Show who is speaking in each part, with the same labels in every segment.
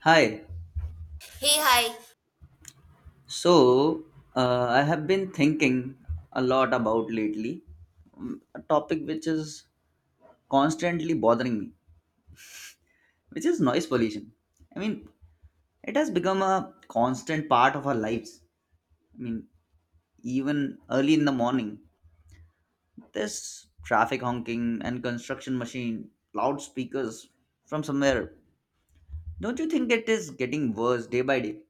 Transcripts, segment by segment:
Speaker 1: Hi.
Speaker 2: Hey, hi.
Speaker 1: So, I have been thinking a lot about lately a topic which is constantly bothering me, which is noise pollution. I mean, it has become a constant part of our lives. I mean, even early in the morning, there's traffic honking and construction machine, loudspeakers from somewhere. Don't you think it is getting worse day by day?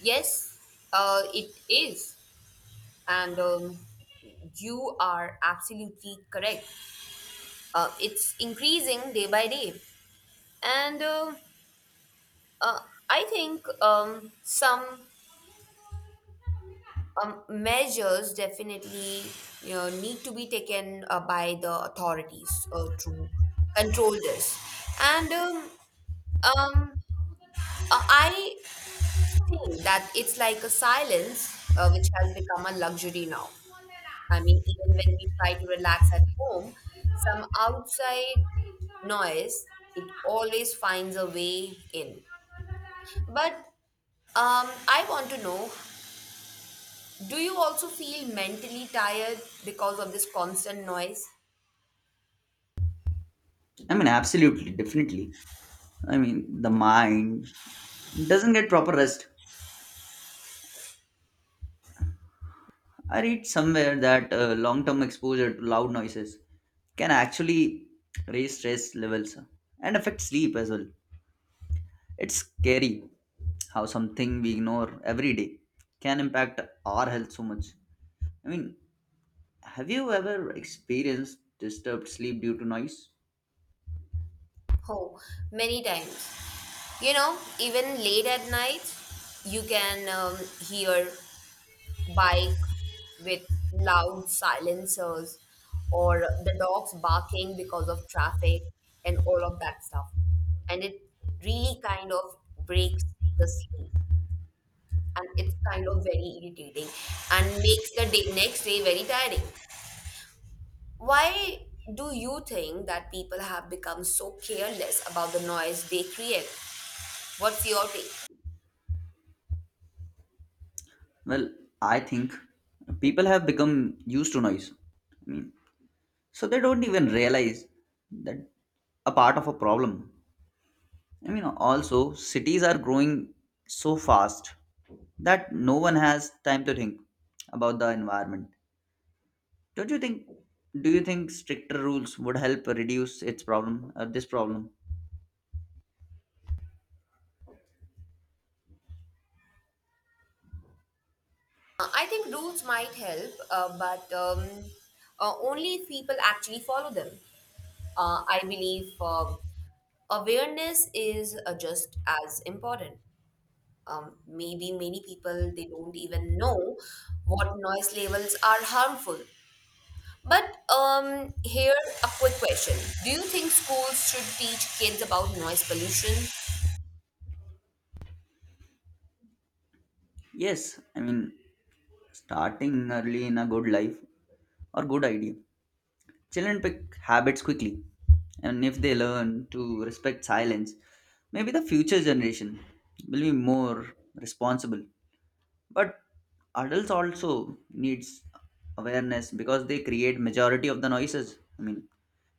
Speaker 2: Yes, it is. And you are absolutely correct. It's increasing day by day. And uh, I think some measures definitely need to be taken by the authorities to control this. And um, I think that it's like a silence which has become a luxury now. I mean, even when we try to relax at home, some outside noise, it always finds a way in. But I want to know, do you also feel mentally tired because of this constant noise?
Speaker 1: I mean, absolutely, definitely. I mean, the mind doesn't get proper rest. I read somewhere that long term exposure to loud noises can actually raise stress levels and affect sleep as well. It's scary how something we ignore every day can impact our health so much. I mean, have you ever experienced disturbed sleep due to noise?
Speaker 2: Oh, many times. You know, even late at night, you can hear bike with loud silencers or the dogs barking because of traffic and all of that stuff. And it really kind of breaks the sleep. And it's kind of very irritating and makes the day, next day very tiring. Why do you think that people have become so careless about the noise they create? What's your take?
Speaker 1: Well, I think people have become used to noise, so they don't even realize that a part of a problem. I mean, also, cities are growing so fast that no one has time to think about the environment. Don't you think? Do you think stricter rules would help reduce its problem or this problem?
Speaker 2: I think rules might help, but only if people actually follow them. I believe awareness is just as important. Maybe many people they don't even know what noise levels are harmful. But here a quick question: do you think schools should teach kids about noise pollution?
Speaker 1: Yes, I mean, starting early in a good life or good idea. Children pick habits quickly, and if they learn to respect silence, maybe the future generation will be more responsible. But adults also needs awareness because they create majority of the noises. I mean,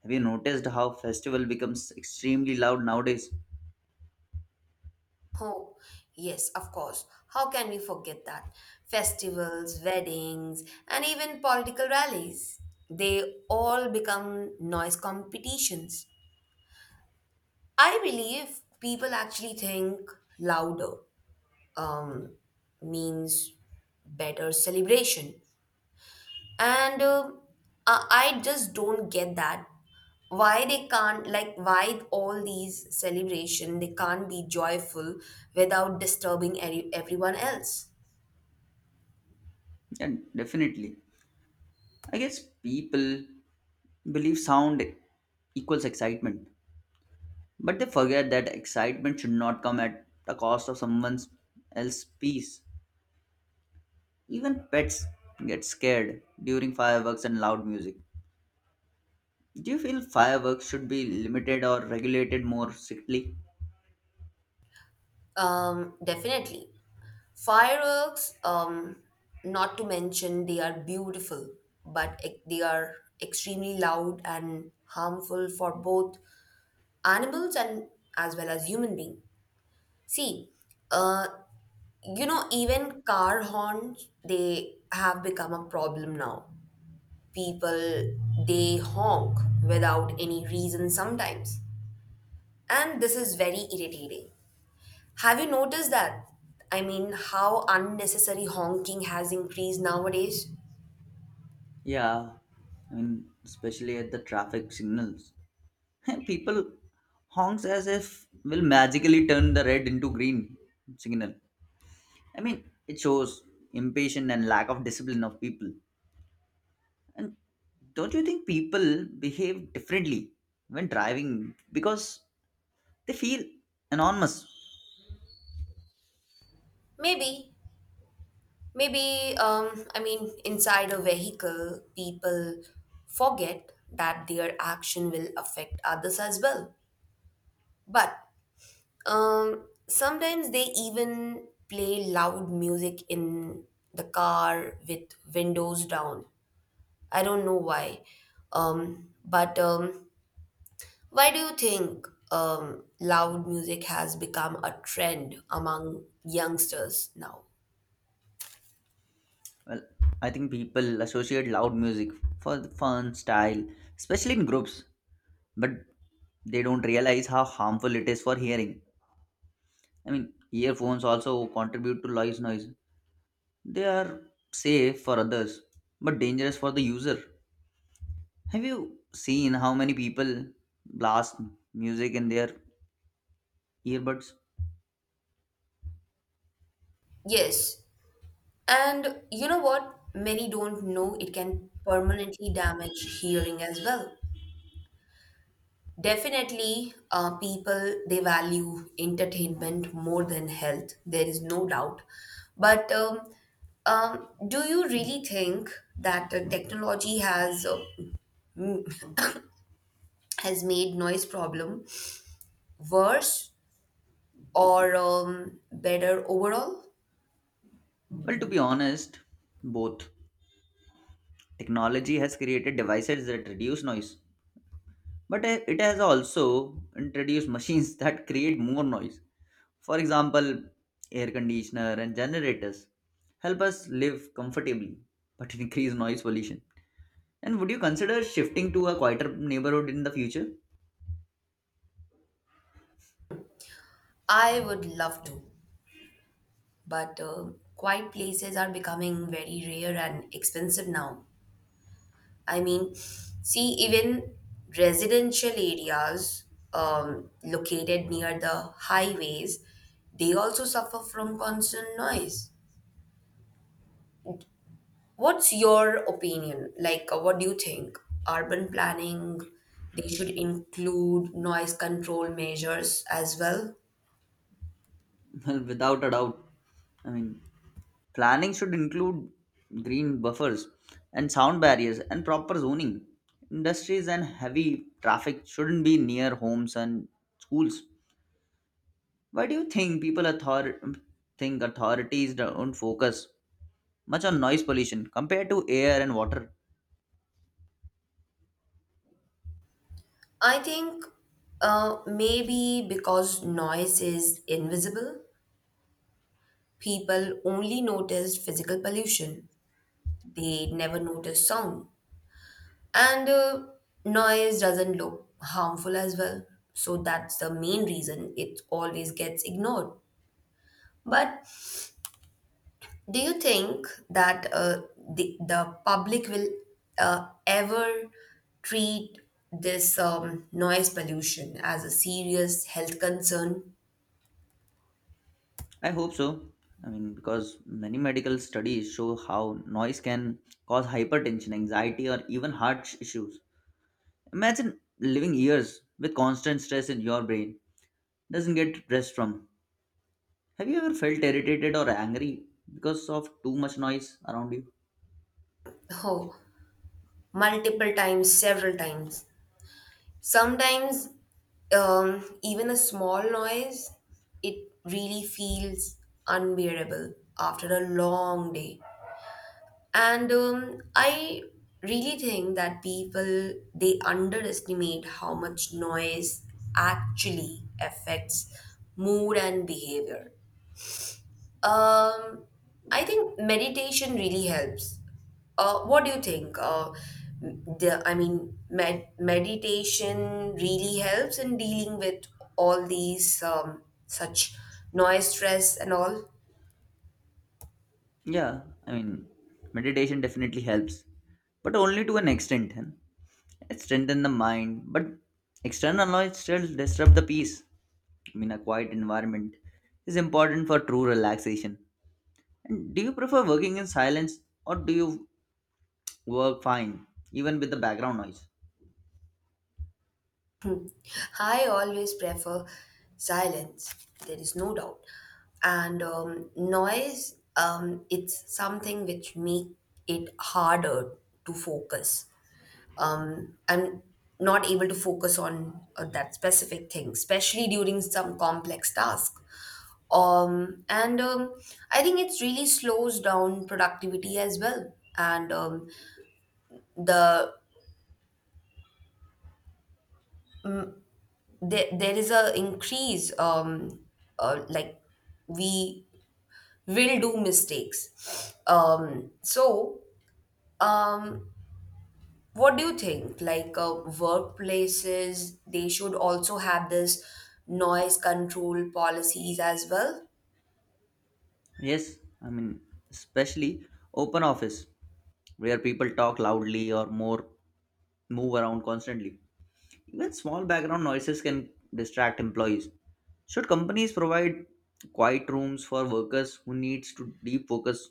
Speaker 1: have you noticed how festival becomes extremely loud nowadays?
Speaker 2: Oh, yes, of course. How can we forget that? Festivals, weddings, and even political rallies. They all become noise competitions. I believe people actually think louder um, means better celebration. And uh, I I just don't get that. Why they can't, like, why all these celebration, they can't be joyful without disturbing everyone else.
Speaker 1: And definitely, I guess people believe sound equals excitement, but they forget that excitement should not come at the cost of someone's else peace. Even pets get scared during fireworks and loud music. Do you feel fireworks should be limited or regulated more strictly?
Speaker 2: Definitely. Fireworks, not to mention they are beautiful, but they are extremely loud and harmful for both animals and as well as human being. See, uh you know, even car horns, they have become a problem now. People, they honk without any reason sometimes, and this is very irritating. Have you noticed that? I mean, how unnecessary honking has increased nowadays.
Speaker 1: Yeah, I mean, especially at the traffic signals, people honks as if will magically turn the red into green signal. I mean, it shows impatience and lack of discipline of people. And don't you think people behave differently when driving because they feel anonymous?
Speaker 2: maybe Maybe, I mean, inside a vehicle, people forget that their action will affect others as well. But sometimes they even play loud music in the car with windows down. I don't know why. But why do you think loud music has become a trend among youngsters now?
Speaker 1: Well, I think people associate loud music for the fun style, especially in groups, but they don't realize how harmful it is for hearing. I mean, earphones also contribute to noise. They are safe for others, but dangerous for the user. Have you seen how many people blast music in their earbuds?
Speaker 2: Yes. And you know what? Many don't know it can permanently damage hearing as well. Definitely, people they value entertainment more than health. There is no doubt. But do you really think that technology has m- has made noise problem worse or better overall?
Speaker 1: Well, to be honest, both. Technology has created devices that reduce noise, but it has also introduced machines that create more noise. For example, air conditioner and generators help us live comfortably, but increase noise pollution. And would you consider shifting to a quieter neighborhood in the future?
Speaker 2: I would love to, but quiet places are becoming very rare and expensive now. I mean, see, even residential areas located near the highways, they also suffer from constant noise. What's your opinion? Like, what do you think? Urban planning, they should include noise control measures as well.
Speaker 1: Well, without a doubt. I mean, planning should include green buffers and sound barriers and proper zoning. Industries and heavy traffic shouldn't be near homes and schools. Why do you think think authorities don't focus much on noise pollution compared to air and water?
Speaker 2: I think maybe because noise is invisible, people only notice physical pollution. They never notice sound. And noise doesn't look harmful as well. So that's the main reason it always gets ignored. But do you think that the public will ever treat this noise pollution as a serious health concern?
Speaker 1: I hope so. I mean, because many medical studies show how noise can cause hypertension, anxiety, or even issues. Imagine living years with constant stress in your brain doesn't get rest from. Have you ever felt irritated or angry because of too much noise around you?
Speaker 2: Oh, multiple times, several times. Sometimes, even a small noise, it really feels unbearable after a long day. And I really think that people they underestimate how much noise actually affects mood and behavior. Um, I think meditation really helps. What do you think? I mean, meditation really helps in dealing with all these such noise, stress, and all.
Speaker 1: Yeah, I mean, meditation definitely helps, but only to an extent. Huh? It strengthens the mind, but external noise still disrupt the peace. I mean, a quiet environment is important for true relaxation. And do you prefer working in silence or do you work fine even with the background noise?
Speaker 2: I always prefer silence. There is no doubt, and noise. It's something which make it harder to focus. I'm not able to focus on that specific thing, especially during some complex task. And I think it really slows down productivity as well. And um, the there there is a increase like we will do mistakes. So um, what do you think? Like, workplaces, they should also have this noise control policies as well.
Speaker 1: Yes, I mean, especially open office where people talk loudly or more move around constantly. Even small background noises can distract employees. Should companies provide quiet rooms for workers who needs to deep focus?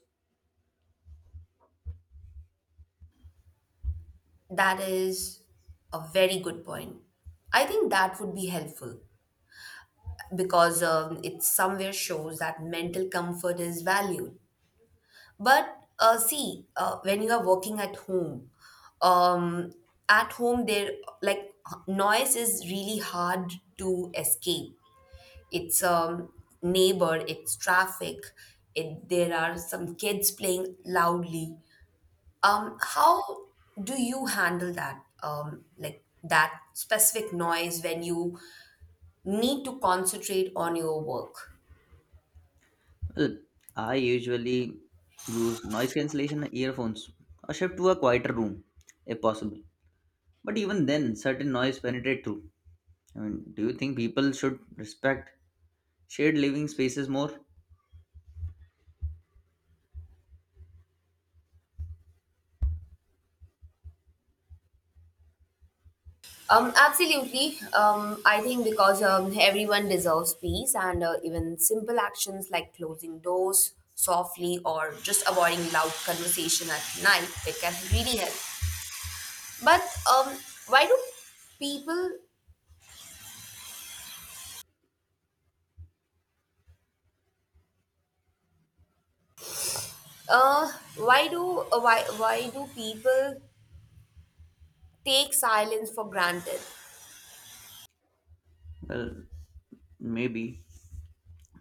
Speaker 2: That is a very good point. I think that would be helpful because it somewhere shows that mental comfort is valued. But see, when you are working um, at home there like noise is really hard to escape. It's neighbor, it's traffic, it there are some kids playing loudly. How do you handle that? Like that specific noise when you need to concentrate on your work?
Speaker 1: Well, I usually use noise cancellation earphones or shift to a quieter room if possible. But even then, certain noise penetrate through. I mean, do you think people should respect shared living spaces more?
Speaker 2: Absolutely. I think because everyone deserves peace, and even simple actions like closing doors softly or just avoiding loud conversation at night, it can really help. But um, why do people uh, why do people take silence for granted?
Speaker 1: Well, maybe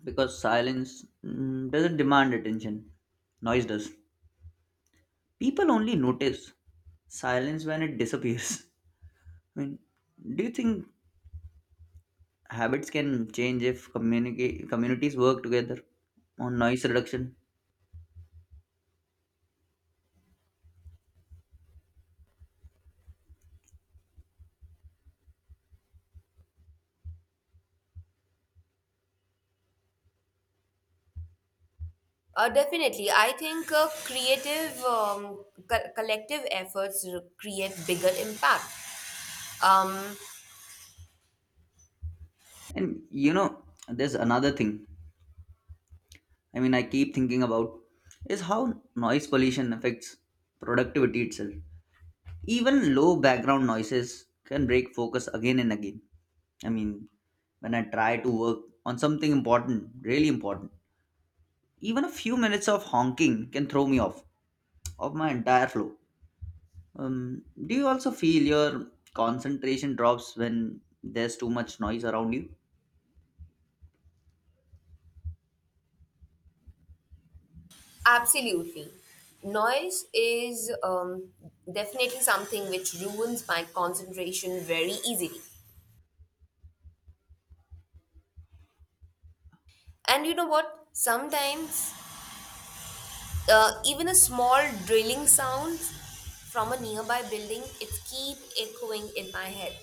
Speaker 1: because silence doesn't demand attention, noise does. People only notice silence when it disappears. I mean, do you think habits can change if communities work together on noise reduction?
Speaker 2: Definitely, I think creative collective efforts create bigger impact. Um,
Speaker 1: And you know, there's another thing. I mean, I keep thinking about is how noise pollution affects productivity itself. Even low background noises can break focus again and again. I mean, when I try to work on something important, really important, even a few minutes of honking can throw me off of my entire flow. Do you also feel your concentration drops when there's too much noise around you?
Speaker 2: absolutely, noise is definitely something which ruins my concentration very easily. And you know what? Sometimes even a small drilling sound from a nearby building, it keep echoing in my head.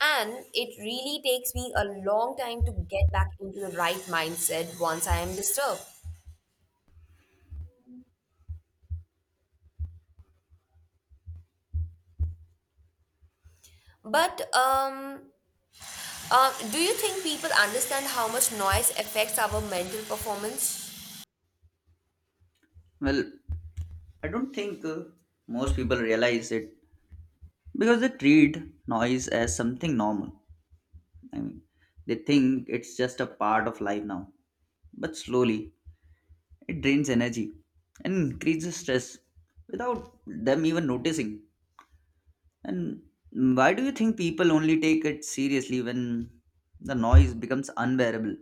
Speaker 2: And it really takes me a long time to get back into the right mindset once I am disturbed. But do you think people understand how much noise affects our mental performance?
Speaker 1: Well, I don't think most people realize it because they treat noise as something normal. I mean, they think it's just a part of life now. But slowly, it drains energy and increases stress without them even noticing. And why do you think people only take it seriously when the noise becomes unbearable?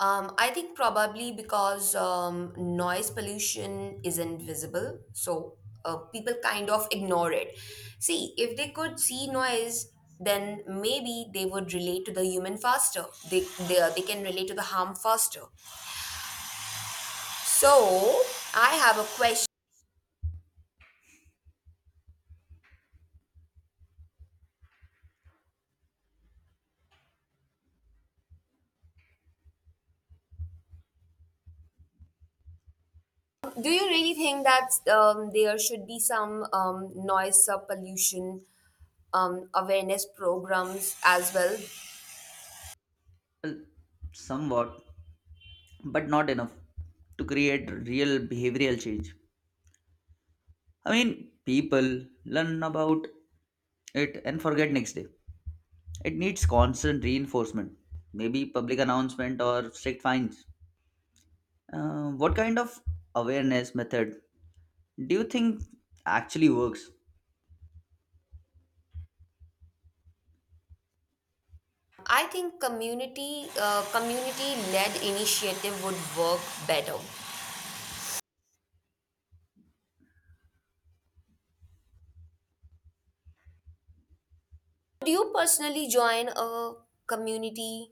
Speaker 2: I think probably because noise pollution isn't visible, so people kind of ignore it. See, if they could see noise, then maybe they would relate to the human faster. They can relate to the harm faster. So I have a question. Do you really think that there should be some noise pollution awareness programs as well?
Speaker 1: Well, somewhat, but not enough to create real behavioral change. I mean, people learn about it and forget next day. It needs constant reinforcement, maybe public announcement or strict fines. What kind of awareness method do you think actually works?
Speaker 2: I think community led initiative would work better. Would you personally join a community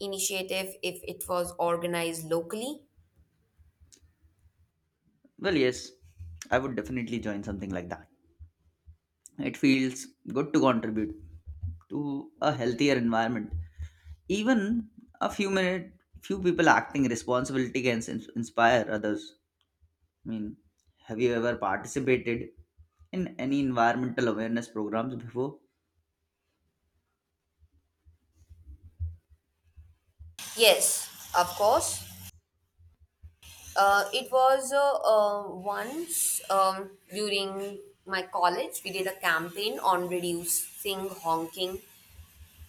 Speaker 2: initiative if it was organized locally?
Speaker 1: Well, yes, I would definitely join something like that. It feels good to contribute to a healthier environment. Even a few minute, few people acting responsibility can inspire others. I mean, have you ever participated in any environmental awareness programs before?
Speaker 2: Yes, of course. It was once during my college, we did a campaign on reducing honking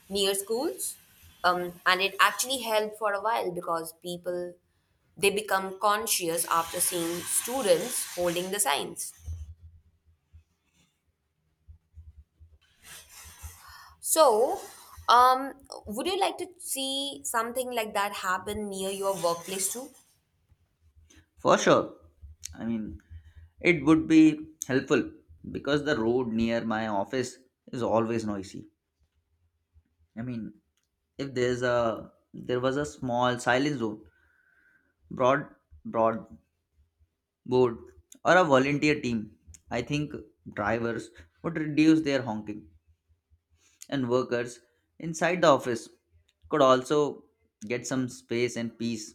Speaker 2: near schools, and it actually helped for a while because people they become conscious after seeing students holding the signs. So um, would you like to see something like that happen near your workplace too?
Speaker 1: For sure. I mean, it would be helpful because the road near my office is always noisy. I mean, if there was a small silent zone, broad broad board or a volunteer team, I think drivers would reduce their honking and workers inside the office could also get some space and peace.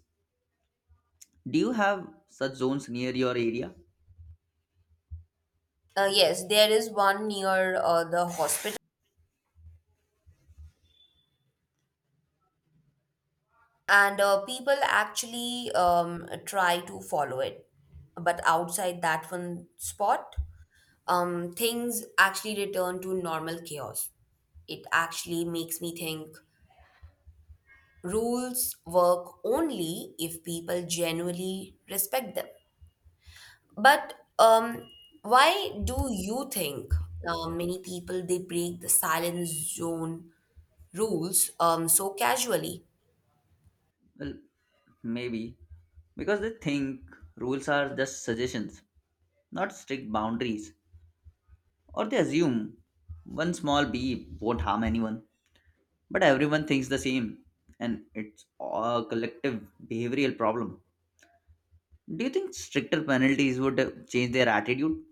Speaker 1: Do you have such zones near your area?
Speaker 2: Yes, there is one near the hospital, and people actually try to follow it, but outside that one spot, things actually return to normal chaos. It actually makes me think rules work only if people genuinely respect them. But why do you think many people they break the silence zone rules so casually?
Speaker 1: Well, maybe because they think rules are just suggestions, not strict boundaries, or they assume one small bee won't harm anyone. But everyone thinks the same, and it's a collective behavioral problem. Do you think stricter penalties would change their attitude?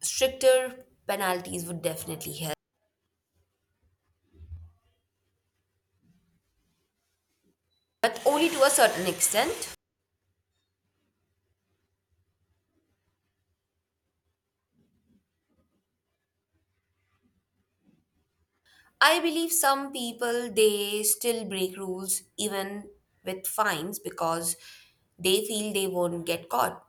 Speaker 2: Stricter penalties would definitely help, but only to a certain extent. I believe some people they still break rules even with fines because they feel they won't get caught.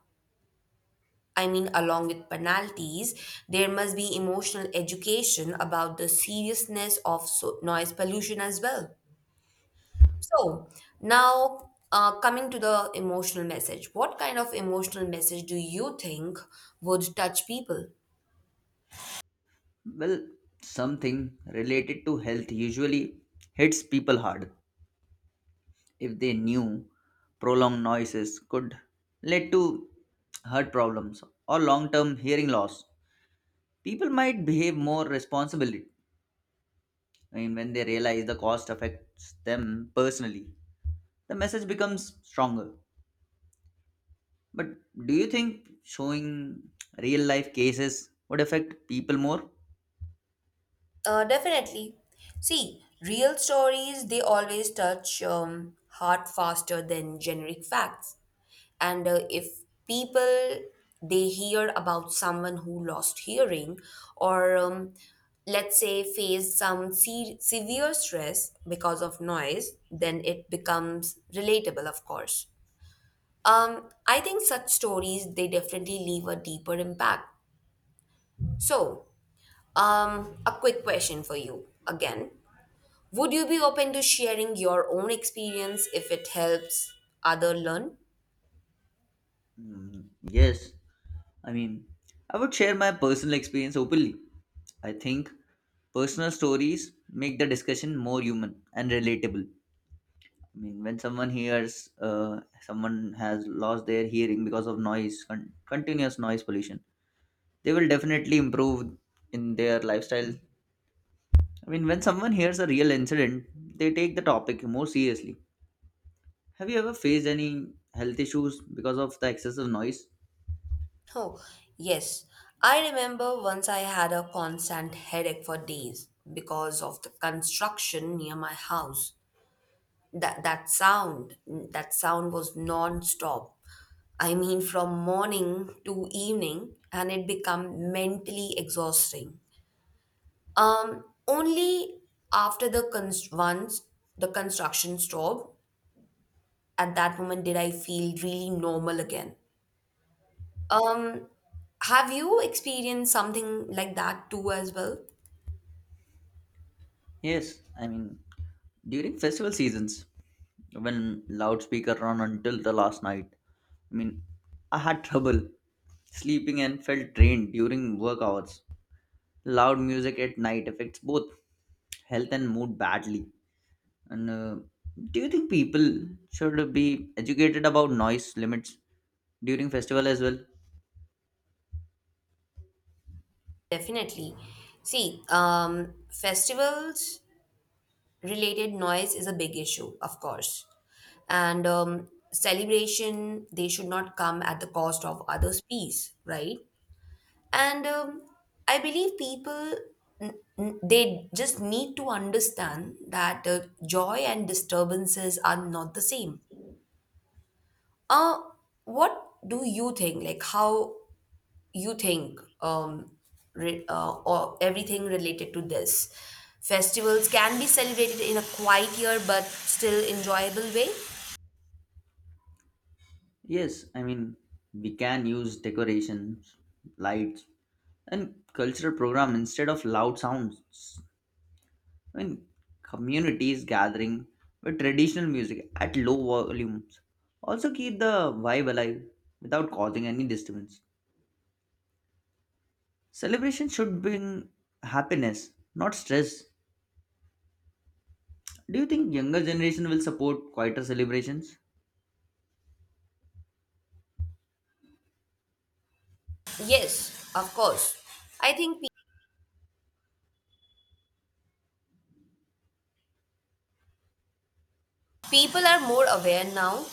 Speaker 2: I mean, along with penalties, there must be emotional education about the seriousness of noise pollution as well. So, now coming to the emotional message, what kind of emotional message do you think would touch people?
Speaker 1: Well, something related to health usually hits people hard if they knew prolonged noises could lead to heart problems or long-term hearing loss, people might behave more responsibly. I mean, when they realize the cost affects them personally, the message becomes stronger. But do you think showing real life cases would affect people more?
Speaker 2: Definitely. See, real stories, they always touch heart faster than generic facts. And if people they hear about someone who lost hearing or let's say faced some severe stress because of noise, then it becomes relatable, of course. I think such stories they definitely leave a deeper impact. So, a quick question for you again. Would you be open to sharing your own experience if it helps other learn?
Speaker 1: Mm, yes, I mean, I would share my personal experience openly. I think personal stories make the discussion more human and relatable. I mean, when someone hears someone has lost their hearing because of noise, continuous noise pollution, they will definitely improve in their lifestyle. I mean, when someone hears a real incident, they take the topic more seriously. Have you ever faced any health issues because of the excessive noise?
Speaker 2: Oh, yes. I remember once I had a constant headache for days because of the construction near my house. That sound was non-stop. I mean, from morning to evening, and it became mentally exhausting. Only after the once the construction stopped, at that moment, did I feel really normal again? Um, have you experienced something like that too as well?
Speaker 1: Yes, I mean, during festival seasons, when loudspeaker run until the last night, I mean, I had trouble sleeping and felt drained during work hours. Loud music at night affects both health and mood badly. And do you think people should be educated about noise limits during festival as well?
Speaker 2: Definitely. See, festivals related noise is a big issue, of course. And celebration, they should not come at the cost of others' peace, right? And I believe people, they just need to understand that joy and disturbances are not the same. Uh, what do you think? Like, how you think or everything related to this? Festivals can be celebrated in a quieter but still enjoyable way?
Speaker 1: Yes, I mean, we can use decorations, lights, and cultural program instead of loud sounds. I mean, communities gathering with traditional music at low volumes also keep the vibe alive without causing any disturbance. Celebration should bring happiness, not stress. Do you think younger generation will support quieter celebrations?
Speaker 2: Yes, of course. I think pe- people are more aware now.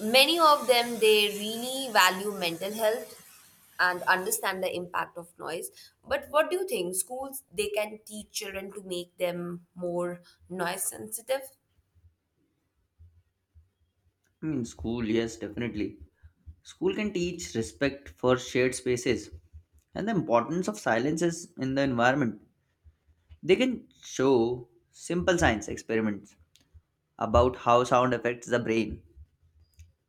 Speaker 2: Many of them, they really value mental health and understand the impact of noise. But what do you think? Schools, they can teach children to make them more noise sensitive?
Speaker 1: I mean, school, yes, definitely. School can teach respect for shared spaces and the importance of silences in the environment. They can show simple science experiments about how sound affects the brain.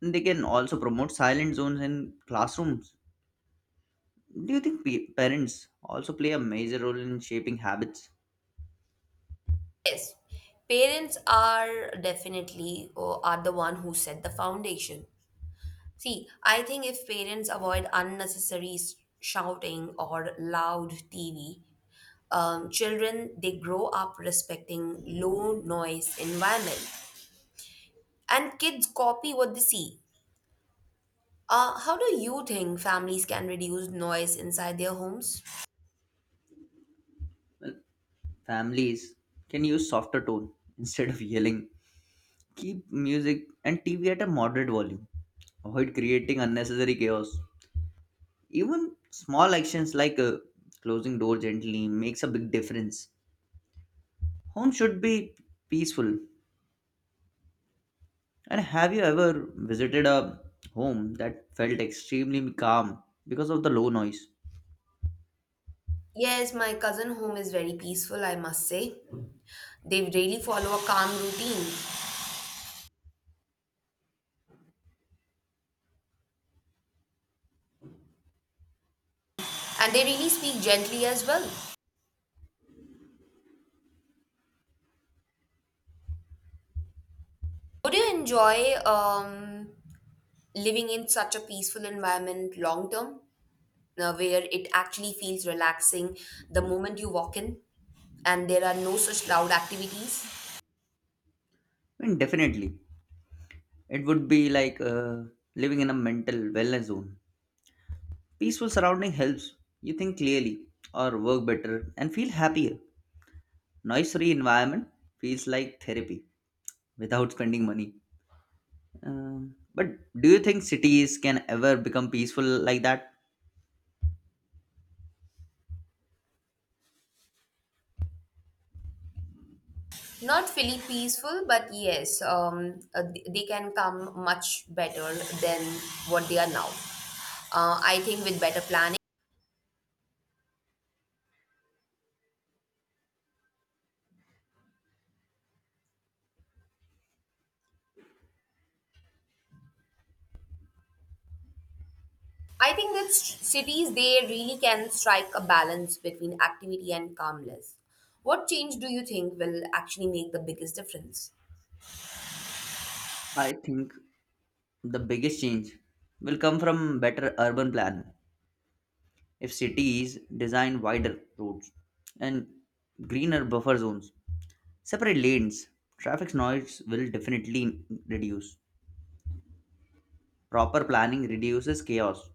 Speaker 1: They can also promote silent zones in classrooms. Do you think parents also play a major role in shaping habits?
Speaker 2: Yes, parents are definitely or are the one who set the foundation. See, I think if parents avoid unnecessary shouting or loud TV, children they grow up respecting low noise environment, and kids copy what they see. How do you think families can reduce noise inside their homes?
Speaker 1: Families can use softer tone instead of yelling. Keep music and TV at a moderate volume. Avoid creating unnecessary chaos. Even small actions like a closing door gently makes a big difference. Home should be peaceful. And have you ever visited a home that felt extremely calm because of the low noise?
Speaker 2: Yes, my cousin home is very peaceful, I must say. They really follow a calm routine and they really speak gently as well. Would you enjoy living in such a peaceful environment long term, where it actually feels relaxing the moment you walk in, and there are no such loud activities?
Speaker 1: I mean, definitely. It would be like living in a mental wellness zone. Peaceful surrounding helps you think clearly or work better and feel happier. Noise-free environment feels like therapy without spending money. But do you think cities can ever become peaceful like that?
Speaker 2: Not fully peaceful, but yes, they can come much better than what they are now. I think with better planning I think that cities they really can strike a balance between activity and calmness. What change do you think will actually make the biggest difference?
Speaker 1: I think the biggest change will come from better urban planning. If cities design wider roads and greener buffer zones, separate lanes, traffic noise will definitely reduce. Proper planning reduces chaos.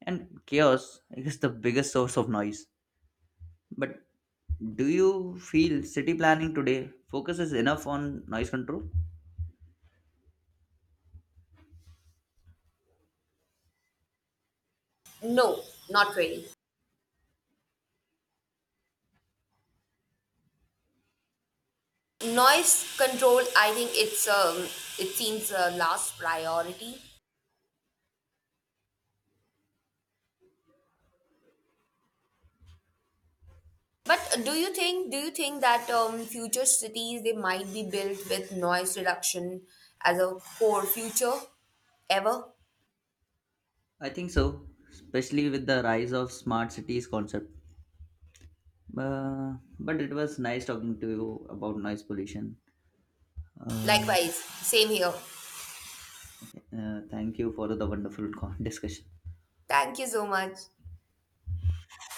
Speaker 1: And chaos is the biggest source of noise. But do you feel city planning today focuses enough on noise control?
Speaker 2: No, not really. Noise control, I think it's it seems a last priority. But do you think that future cities they might be built with noise reduction as a core future ever?
Speaker 1: I think so, especially with the rise of smart cities concept. Uh, but it was nice talking to you about noise pollution. Uh,
Speaker 2: Likewise, same here.
Speaker 1: thank you for the wonderful discussion.
Speaker 2: Thank you so much.